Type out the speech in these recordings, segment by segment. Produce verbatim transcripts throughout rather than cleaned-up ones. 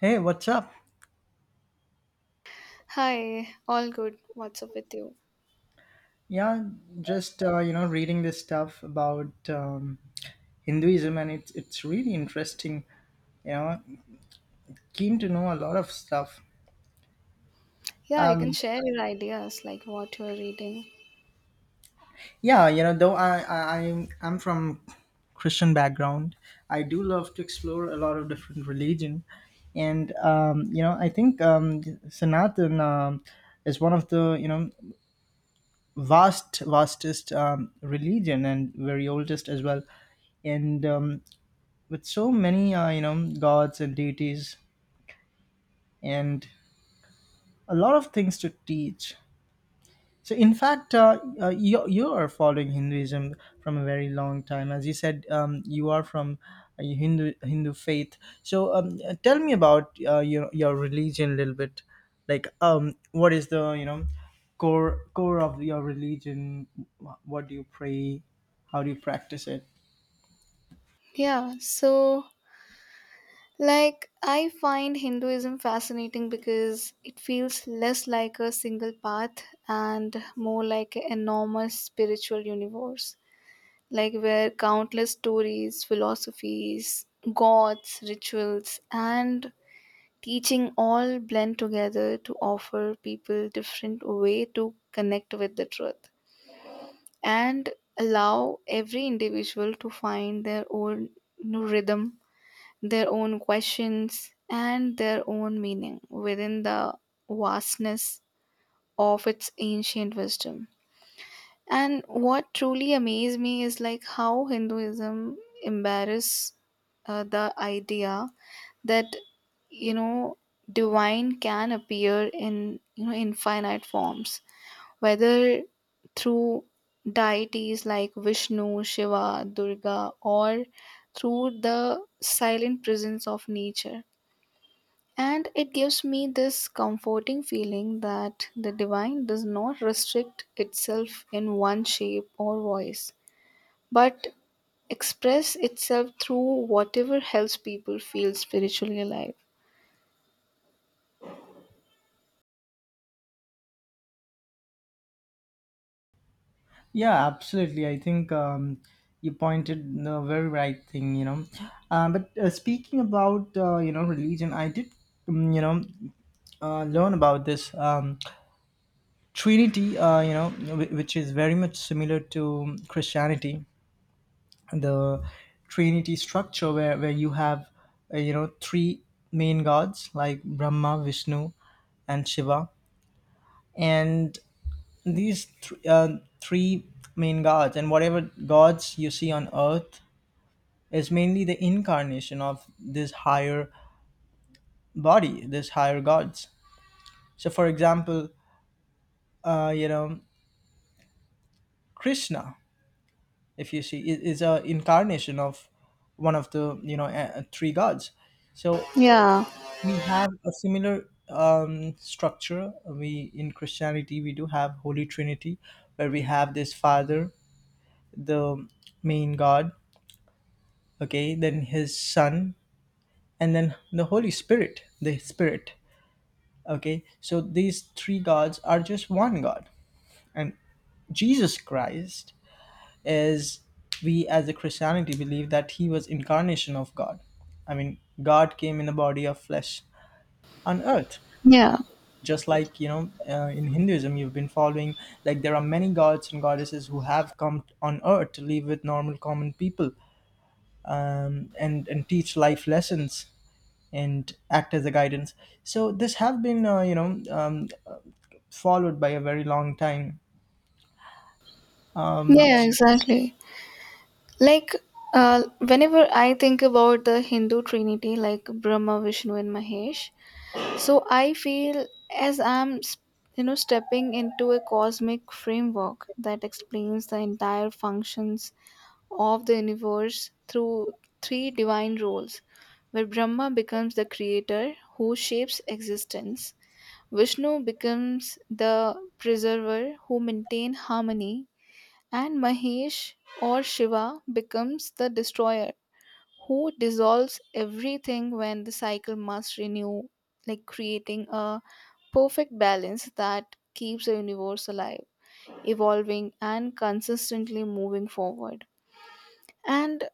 Hey, what's up? Hi, all good. What's up with you? Yeah, just uh, you know, reading this stuff about um, Hinduism, and it's it's really interesting. You know, Keen to know a lot of stuff. Yeah, you can Um, share your ideas, like what you're reading. yeah, you know, though I I I'm I'm from Christian background. I do love to explore a lot of different religion, and um, you know, I think um, Sanatan um, is one of the you know vast vastest um, religion, and very oldest as well, and um, with so many uh, you know gods and deities, and a lot of things to teach. So in fact, uh, uh, you, you are following Hinduism from a very long time, as you said. Um, you are from a hindu hindu faith. So um, uh, tell me about uh, your, your religion a little bit. Like, um, what is the you know core core of your religion? Wh- what do you pray? How do you practice it? Yeah, so like I find Hinduism fascinating because it feels less like a single path and more like an enormous spiritual universe, like where countless stories, philosophies, gods, rituals, and teaching all blend together to offer people different way to connect with the truth and allow every individual to find their own rhythm, their own questions, and their own meaning within the vastness of its ancient wisdom. And what truly amazed me is like how Hinduism embarrass uh, the idea that you know divine can appear in you know infinite forms whether through deities like Vishnu, Shiva, Durga, or through the silent presence of nature. And it gives me this comforting feeling that the divine does not restrict itself in one shape or voice, but express itself through whatever helps people feel spiritually alive. Yeah, absolutely. I think um, you pointed the very right thing, you know. Uh, but uh, speaking about, uh, you know, religion, I did, um, you know, uh, learn about this um, Trinity, uh, you know, whi- which is very much similar to Christianity, the Trinity structure where, where you have, uh, you know, three main gods like Brahma, Vishnu, and Shiva. And These th- uh, three main gods, and whatever gods you see on earth, is mainly the incarnation of this higher body, this higher gods. So, for example, uh, you know, Krishna, if you see, is, is a incarnation of one of the you know uh, three gods. So Yeah, we have a similar um, structure. We in Christianity, we do have Holy Trinity, where we have this Father, the main God. Okay, then his son, and then the holy spirit the spirit Okay, so these three gods are just one God. And Jesus Christ is, we as a Christianity believe that he was incarnation of God. I mean, God came in a body of flesh on earth, yeah. just like you know uh, in Hinduism you've been following, like there are many gods and goddesses who have come on earth to live with normal common people, um, and and teach life lessons and act as a guidance. So this have been, uh, you know, um, followed by a very long time. Um, Yeah, exactly. Like, uh, whenever I think about the Hindu trinity, like Brahma, Vishnu, and Mahesh, so I feel as I'm, s- you know, stepping into a cosmic framework that explains the entire functions of the universe through three divine roles, where Brahma becomes the creator who shapes existence, Vishnu becomes the preserver who maintains harmony, and Mahesh or Shiva becomes the destroyer who dissolves everything when the cycle must renew, like creating a perfect balance that keeps the universe alive, evolving, and consistently moving forward. And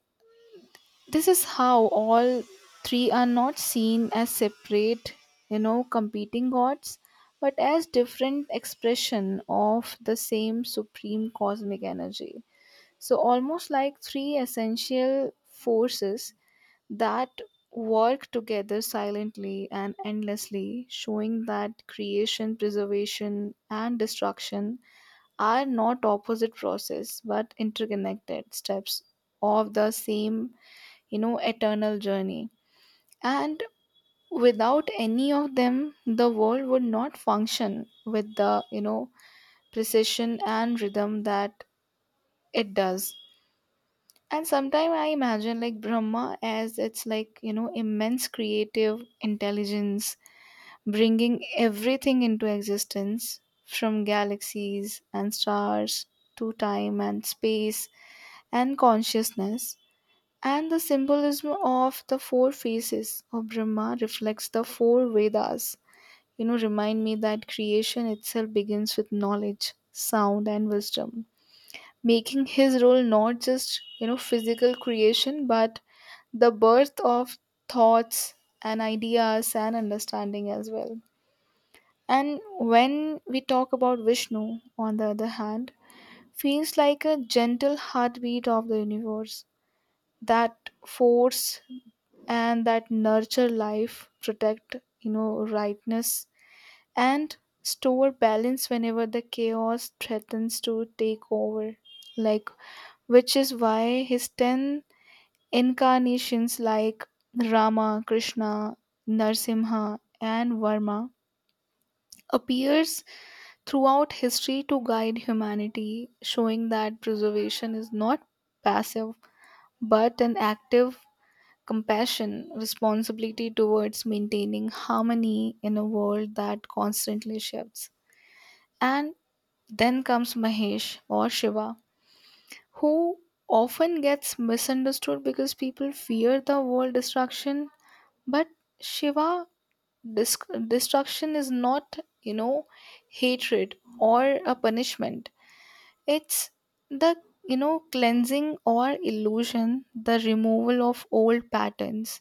this is how all three are not seen as separate, you know, competing gods, but as different expression of the same supreme cosmic energy. So, almost like three essential forces that work together silently and endlessly, showing that creation, preservation, and destruction are not opposite process but interconnected steps of the same, you know, eternal journey. And without any of them, the world would not function with the, you know, precision and rhythm that it does. And sometimes I imagine like Brahma as it's like, you know, immense creative intelligence bringing everything into existence from galaxies and stars to time and space and consciousness. And the symbolism of the four faces of Brahma reflects the four Vedas. You know, remind me that creation itself begins with knowledge, sound, and wisdom, making his role not just you know physical creation but the birth of thoughts and ideas and understanding as well. And when we talk about Vishnu, on the other hand, feels like a gentle heartbeat of the universe that force and that nurture life, protect you know rightness and store balance whenever the chaos threatens to take over, like which is why his ten incarnations like Rama, Krishna, Narsimha, and Varma appears throughout history to guide humanity, showing that preservation is not passive but an active compassion responsibility towards maintaining harmony in a world that constantly shifts. And then comes Mahesh or Shiva, who often gets misunderstood because people fear the word destruction, but Shiva, dis- destruction is not you know hatred or a punishment. It's the you know cleansing or illusion, the removal of old patterns,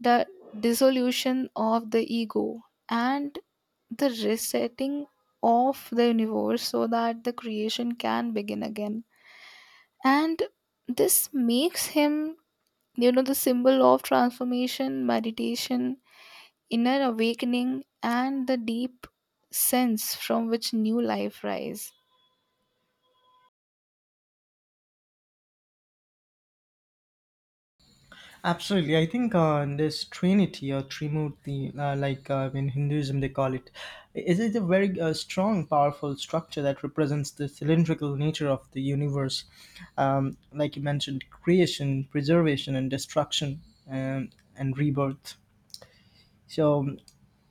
the dissolution of the ego, and the resetting of the universe so that the creation can begin again. And this makes him you know the symbol of transformation, meditation, inner awakening, and the deep sense from which new life rise. Absolutely, I think uh, this Trinity or Trimurti, uh, like uh, in Hinduism they call it, is is a very uh, strong, powerful structure that represents the cylindrical nature of the universe. Um, like you mentioned, creation, preservation, and destruction, um, and rebirth. So,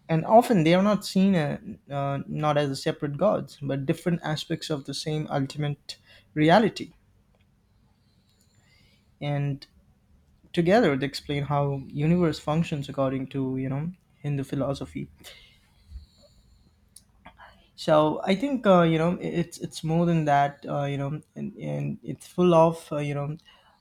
and often they are not seen, uh, uh, not as separate gods, but different aspects of the same ultimate reality. And together they explain how universe functions according to you know Hindu philosophy. So I think, uh, you know it's it's more than that. Uh, you know, and, and it's full of uh, you know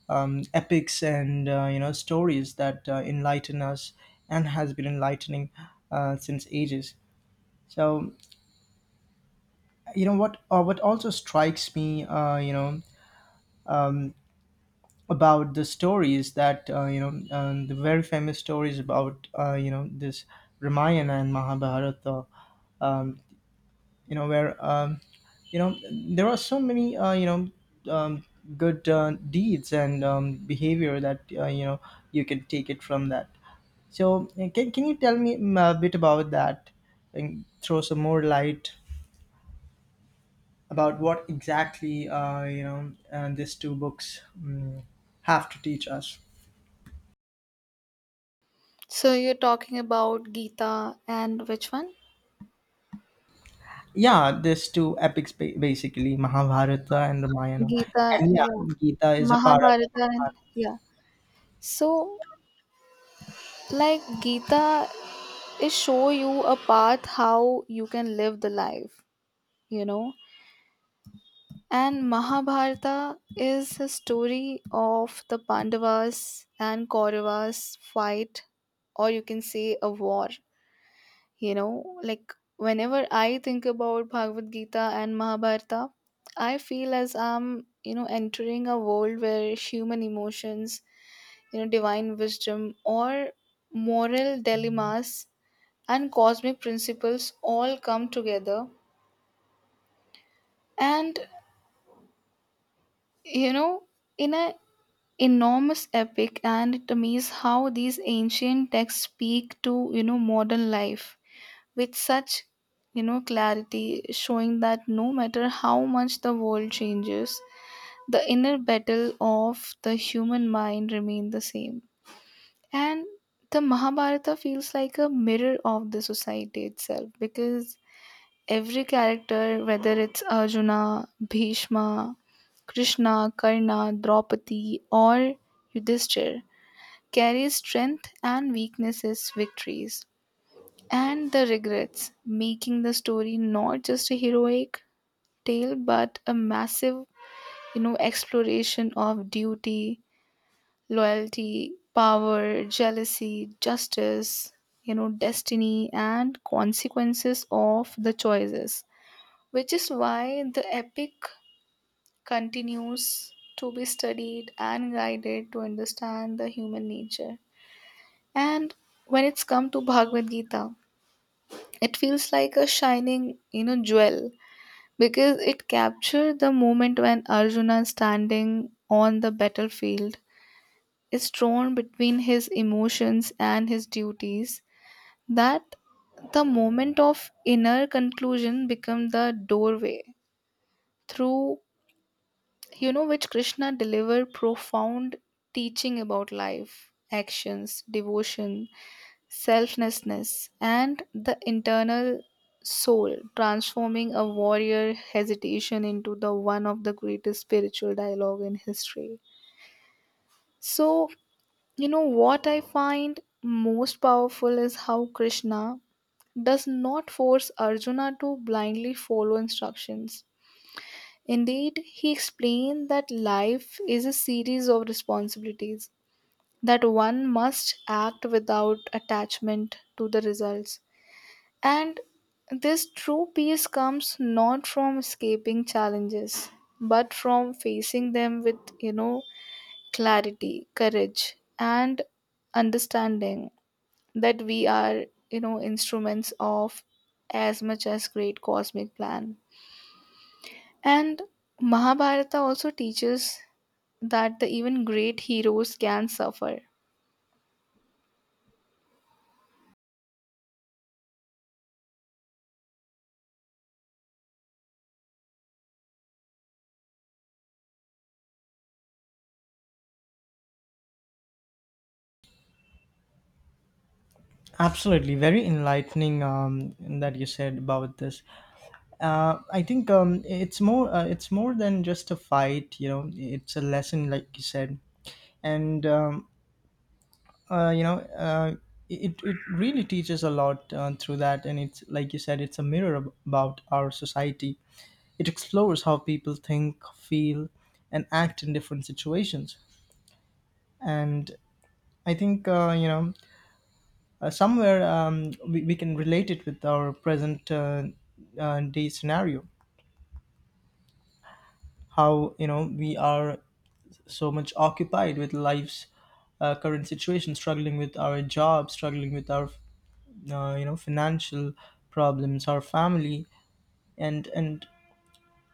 um, epics and uh, you know stories that uh, enlighten us, and has been enlightening uh, since ages. So, you know what uh, what also strikes me, uh, you know um, about the stories, that uh, you know um, the very famous stories about uh, you know this Ramayana and Mahabharata, um, you know where um, you know there are so many uh, you know um, good uh, deeds and um, behavior that uh, you know you can take it from that. So uh, can, can you tell me mm, a bit about that, and throw some more light about what exactly uh, you know uh, these two books um, have to teach us. So you're talking about Gita and which one? Yeah, these two epics ba- basically, Mahabharata and Ramayana. Gita, And yeah, yeah. Gita is a part of. Mahabharata, and yeah. So like Gita is show you a path how you can live the life you know And Mahabharata is a story of the Pandavas and Kauravas fight, or you can say a war. You know, like whenever I think about Bhagavad Gita and Mahabharata, I feel as I'm, you know, entering a world where human emotions, you know, divine wisdom, or moral dilemmas and cosmic principles all come together. And, you know, in a enormous epic, and it amazes how these ancient texts speak to you know modern life with such you know clarity, showing that no matter how much the world changes, the inner battle of the human mind remain the same. And the Mahabharata feels like a mirror of the society itself because every character, whether it's Arjuna, Bhishma, Krishna, Karna, Draupadi, or Yudhishthir, carries strength and weaknesses, victories, and the regrets, making the story not just a heroic tale but a massive, you know, exploration of duty, loyalty, power, jealousy, justice, you know, destiny, and consequences of the choices, which is why the epic continues to be studied and guided to understand the human nature. And when it's come to Bhagavad Gita, it feels like a shining, you know, jewel because it captured the moment when Arjuna standing on the battlefield is torn between his emotions and his duties. That the moment of inner conclusion become the doorway through you know which Krishna delivered profound teaching about life, actions, devotion, selflessness, and the internal soul, transforming a warrior hesitation into the one of the greatest spiritual dialogue in history. So, you know what I find most powerful is how Krishna does not force Arjuna to blindly follow instructions. Indeed, he explained that life is a series of responsibilities, that one must act without attachment to the results. And this true peace comes not from escaping challenges, but from facing them with, you know, clarity, courage, and understanding that we are, you know, instruments of as much as great cosmic plan. And Mahabharata also teaches that the even great heroes can suffer. Absolutely, very enlightening um, that you said about this. Uh, I think um, it's more uh, it's more than just a fight. You know, it's a lesson, like you said, and um, uh, you know uh, it, it really teaches a lot uh, through that, and it's like you said, it's a mirror ab- about our society. It explores how people think, feel, and act in different situations. And I think, uh, you know uh, somewhere um, we, we can relate it with our present, uh, uh, day scenario, how you know we are so much occupied with life's uh, current situation, struggling with our job, struggling with our uh, you know financial problems or family. And and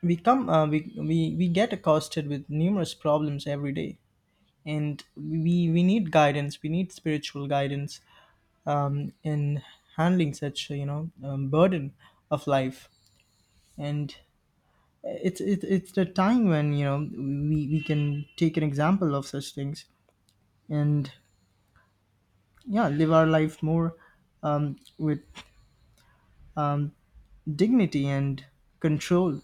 we come uh, we, we we get accosted with numerous problems every day. And we we need guidance, we need spiritual guidance, um, in handling such you know um, burden of life. And it's it's it's the time when you know we we can take an example of such things, and yeah, live our life more um, with um, dignity and control.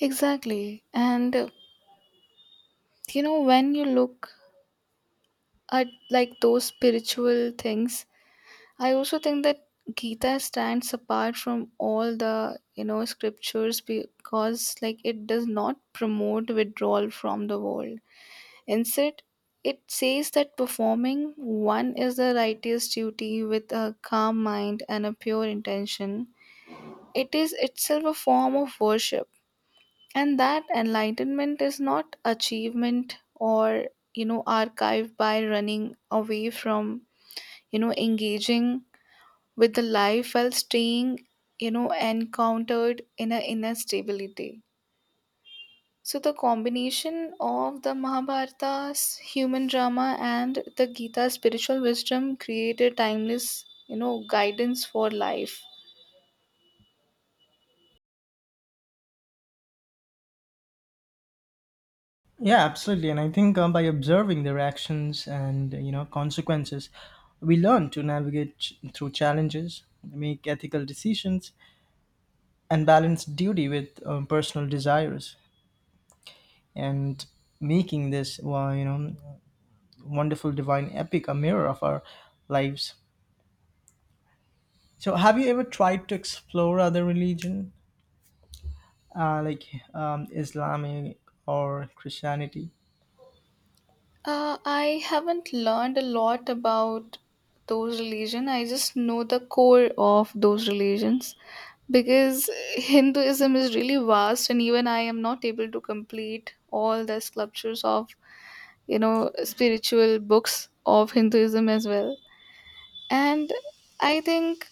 Exactly. And uh, you know, when you look at like those spiritual things, I also think that Gita stands apart from all the you know scriptures because like it does not promote withdrawal from the world. Instead, it says that performing one is the righteous duty with a calm mind and a pure intention. It is itself a form of worship, and that enlightenment is not achievement or you know archived by running away from you know engaging with the life while staying, you know, encountered in an inner stability. So the combination of the Mahabharata's human drama and the Gita's spiritual wisdom created timeless, you know, guidance for life. Yeah, absolutely. And I think um, by observing their actions and uh, you know consequences, we learn to navigate ch- through challenges, make ethical decisions, and balance duty with um, personal desires. And making this, well, you know wonderful divine epic a mirror of our lives. So, have you ever tried to explore other religion, uh, like um, Islamic or Christianity? Uh, I haven't learned a lot about those religion. I just know the core of those religions because Hinduism is really vast, and even I am not able to complete all the sculptures of you know spiritual books of Hinduism as well. And I think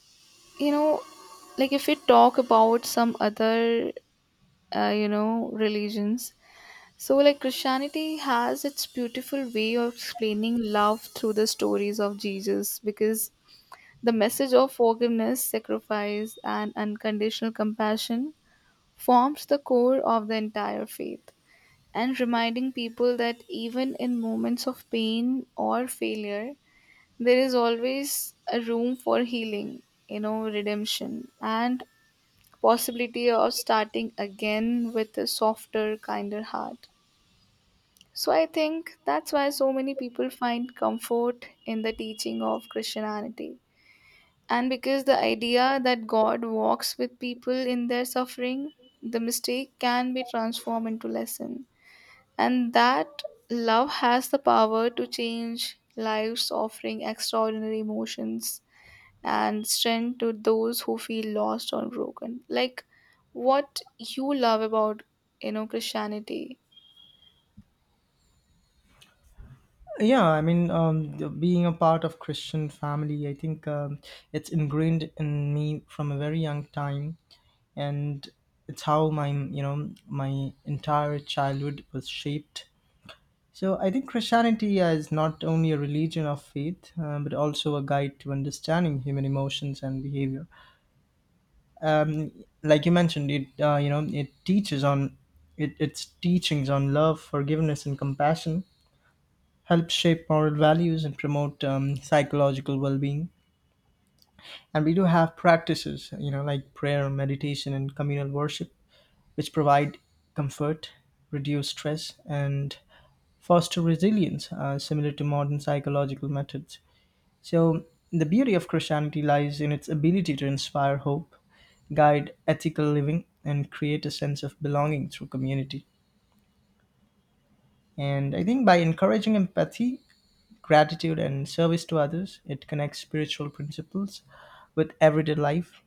you know like if we talk about some other uh, you know religions, so like Christianity has its beautiful way of explaining love through the stories of Jesus because the message of forgiveness, sacrifice, and unconditional compassion forms the core of the entire faith and reminding people that even in moments of pain or failure, there is always a room for healing, you know, redemption, and possibility of starting again with a softer, kinder heart. So I think that's why so many people find comfort in the teaching of Christianity. And because the idea that God walks with people in their suffering, the mistake can be transformed into lesson. And that love has the power to change lives, offering extraordinary emotions and strength to those who feel lost or broken. Like what you love about you know Christianity. Yeah, I mean, um, the- being a part of Christian family, I think um, it's ingrained in me from a very young time. And it's how my you know my entire childhood was shaped. So I think Christianity is not only a religion of faith, uh, but also a guide to understanding human emotions and behavior. um, like you mentioned it, uh, you know it teaches on it, its teachings on love, forgiveness, and compassion help shape moral values and promote um, psychological well-being. And we do have practices, you know like prayer, meditation, and communal worship, which provide comfort, reduce stress, and foster resilience, uh, similar to modern psychological methods. So the beauty of Christianity lies in its ability to inspire hope, guide ethical living, and create a sense of belonging through community. And I think by encouraging empathy, gratitude, and service to others, it connects spiritual principles with everyday life,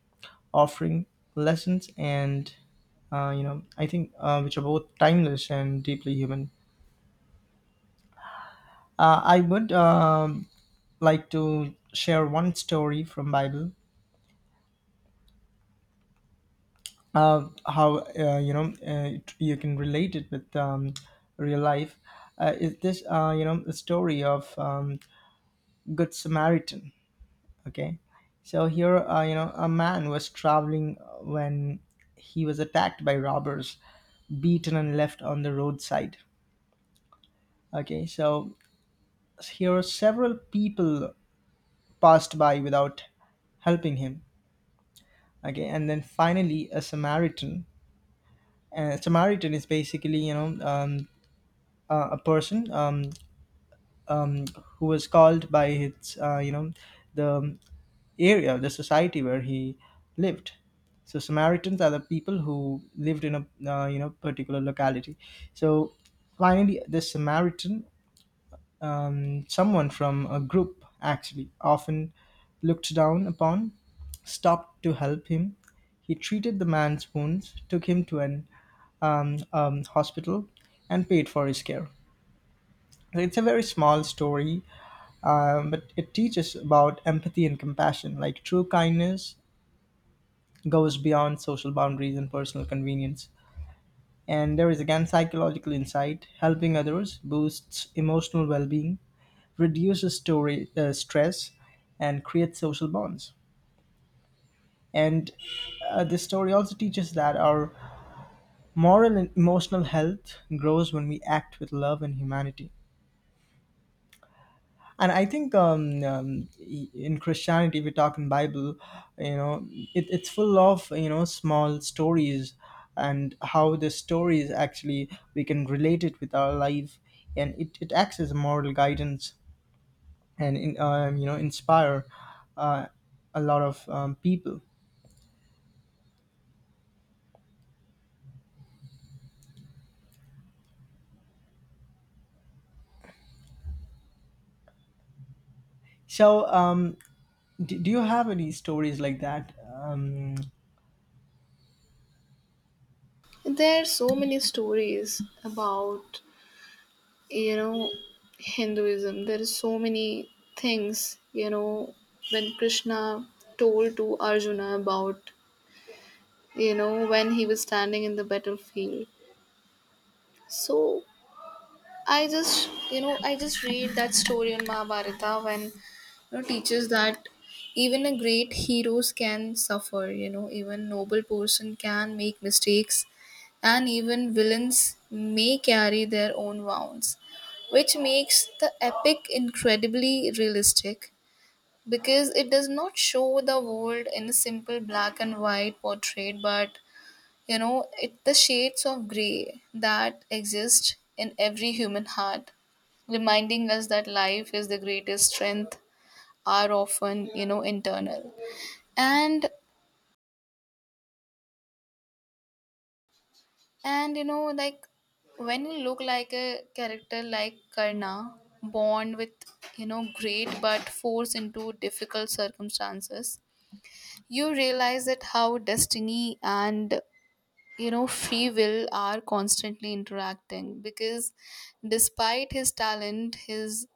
offering lessons and, uh, you know, I think, uh, which are both timeless and deeply human. Uh, I would um, like to share one story from Bible. Uh, how uh, you know uh, it- you can relate it with um, real life, uh, is this, uh, you know the story of um, Good Samaritan. Okay, so here, uh, you know a man was traveling when he was attacked by robbers, beaten, and left on the roadside. Okay, so here several people passed by without helping him. Okay, and then finally a Samaritan — and Samaritan is basically, you know um, a a person, um, um, who was called by his, uh, you know the area, the society where he lived. So Samaritans are the people who lived in a uh, you know particular locality. So finally, this Samaritan, um, someone from a group actually often looked down upon, stopped to help him. He treated the man's wounds, took him to an um, um, hospital, and paid for his care. It's a very small story, um, but it teaches about empathy and compassion. Like, true kindness goes beyond social boundaries and personal convenience. And there is again psychological insight. Helping others boosts emotional well being, reduces story, uh, stress, and creates social bonds. And uh, this story also teaches that our moral and emotional health grows when we act with love and humanity. And I think, um, um e, in Christianity we talk in Bible, you know it, it's full of you know small stories, and how the stories actually we can relate it with our life. And it, it acts as a moral guidance, and in, um, you know inspire uh, a lot of um, people. So um, do, do you have any stories like that? um, There are so many stories about you know Hinduism. There are so many things you know when Krishna told to Arjuna about you know when he was standing in the battlefield. So I just, you know, I just read that story in Mahabharata when, you know, teaches that even a great heroes can suffer, you know, even noble person can make mistakes and even villains may carry their own wounds, which makes the epic incredibly realistic because it does not show the world in a simple black and white portrait but you know, it the shades of grey that exist in every human heart, reminding us that life is the greatest strength are often, you know, internal. And and you know, like when you look like a character like Karna, born with, you know, great but forced into difficult circumstances, you realize that how destiny and you know free will are constantly interacting because despite his talent, his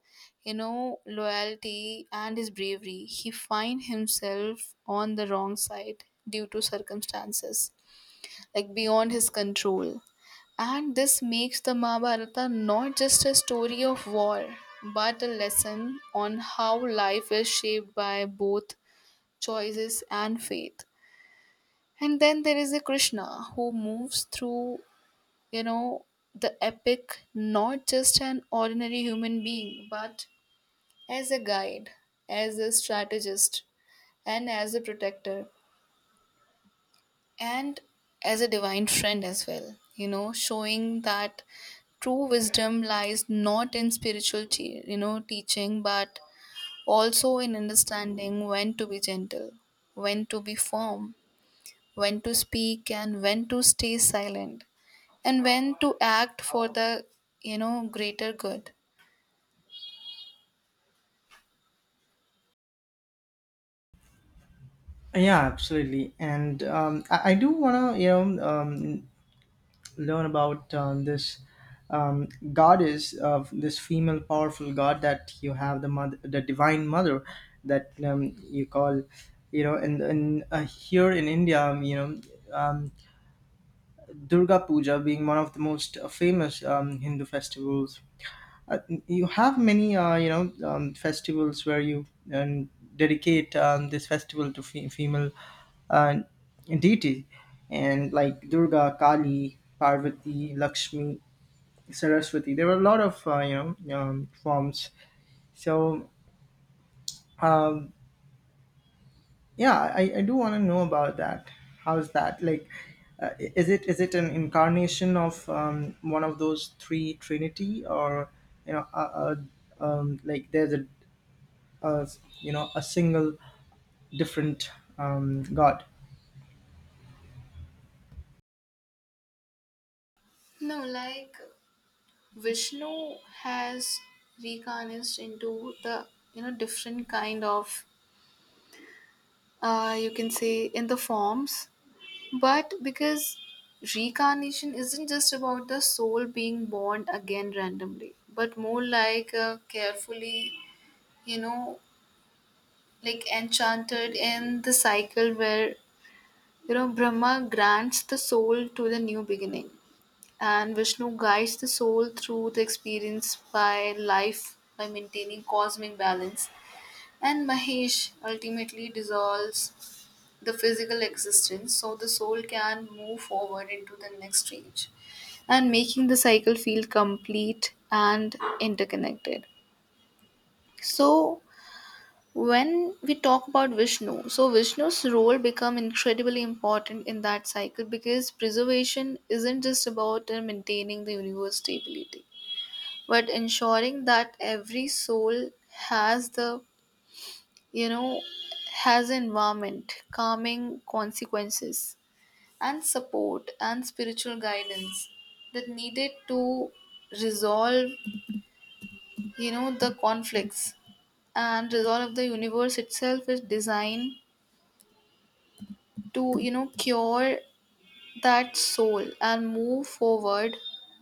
you know loyalty and his bravery, he find himself on the wrong side due to circumstances like beyond his control. And this makes the Mahabharata not just a story of war but a lesson on how life is shaped by both choices and faith. And then there is a Krishna who moves through, you know, the epic, not just an ordinary human being, but as a guide, as a strategist, and as a protector, and as a divine friend as well, you know, showing that true wisdom lies not in spiritual te- you know teaching but also in understanding when to be gentle, when to be firm, when to speak and when to stay silent, and when to act for the you know greater good. yeah, absolutely. And um, I, I do want to, you know um, learn about um, this um, goddess of this female powerful god that you have, the mother, the divine mother that um, you call you know and, and uh, here in India, um, you know um, Durga Puja being one of the most uh, famous um, Hindu festivals. uh, you have many uh, you know um, festivals where you um, dedicate um, this festival to fe- female uh, deity, and like Durga, Kali, Parvati, Lakshmi, Saraswati. There were a lot of uh, you know um, forms. So um, yeah, I, I do want to know about that. How's that like? Uh, is it is it an incarnation of um, one of those three Trinity, or you know, uh, uh, um, like there's a, a you know a single different um, God? No, like Vishnu has reincarnated into the you know different kind of, uh you can say, in the forms. But because reincarnation isn't just about the soul being born again randomly, but more like uh, carefully, you know like enchanted in the cycle where You know, Brahma grants the soul to the new beginning, and Vishnu guides the soul through the experience by life by maintaining cosmic balance. And Mahesh ultimately dissolves the physical existence so the soul can move forward into the next stage, and making the cycle feel complete and interconnected. So, when we talk about Vishnu, so Vishnu's role become incredibly important in that cycle because preservation isn't just about uh, maintaining the universe stability, but ensuring that every soul has the you know has an environment, calming consequences, and support and spiritual guidance that needed to resolve you know the conflicts, and resolve the universe itself is design to you know cure that soul and move forward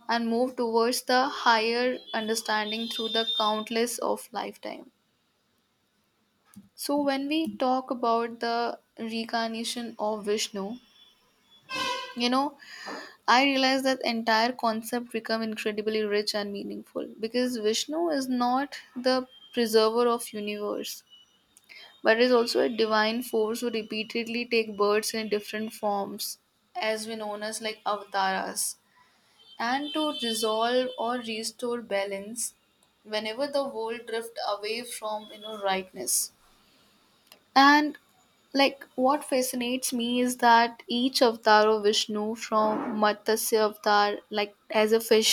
and move towards the higher understanding through the countless of lifetime. So when we talk about the reincarnation of Vishnu, you know I realize that entire concept become incredibly rich and meaningful because Vishnu is not the preserver of universe but is also a divine force who repeatedly take births in different forms as we known as like avataras, and to resolve or restore balance whenever the world drift away from you know rightness. And like what fascinates me is that each avatar of Vishnu, from Matsya avatar like as a fish,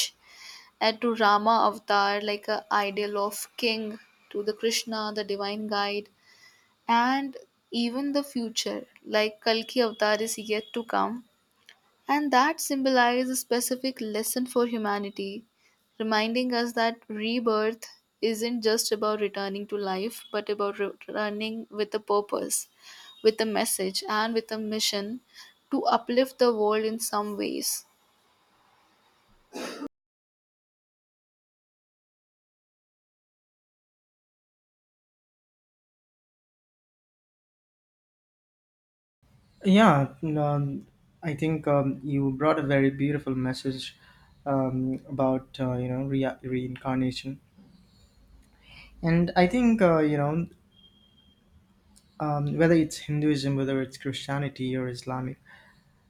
and to Rama avatar like a ideal of king, to the Krishna the divine guide, and even the future like Kalki avatar is yet to come, and that symbolizes a specific lesson for humanity, reminding us that rebirth isn't just about returning to life, but about returning with a purpose, with a message, and with a mission to uplift the world in some ways. Yeah, um, I think um, you brought a very beautiful message um, about uh, you know re- reincarnation And I think, uh, you know, um, whether it's Hinduism, whether it's Christianity or Islamic,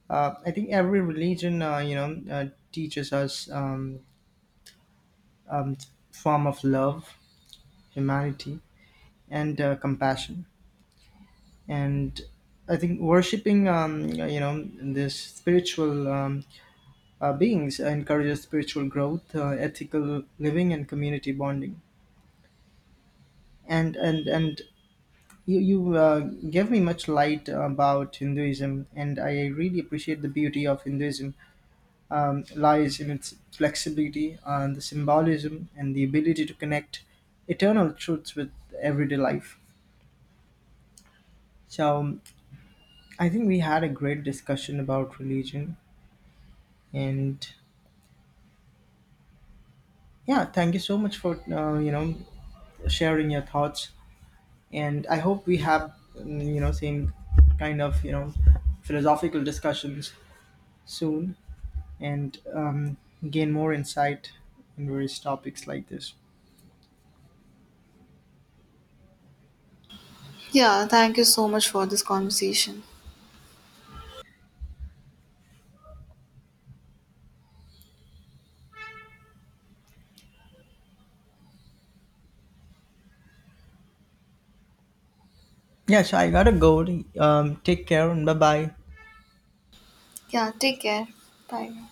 uh, I think every religion, uh, you know, uh, teaches us um, um, form of love, humanity, and uh, compassion. And I think worshiping, um, you know, this spiritual um, uh, beings encourages spiritual growth, uh, ethical living, and community bonding. And and and You, you uh, gave me much light about Hinduism, and I really appreciate the beauty of Hinduism um, lies in its flexibility and the symbolism and the ability to connect eternal truths with everyday life. So um, I think we had a great discussion about religion, and yeah, thank you so much for uh, you know sharing your thoughts. And I hope we have, mm, you know same kind of you know philosophical discussions soon. And um, gain more insight in various topics like this. Yeah, thank you so much for this conversation. Yeah, so I gotta go. Um, take care and bye bye. Yeah, take care. Bye.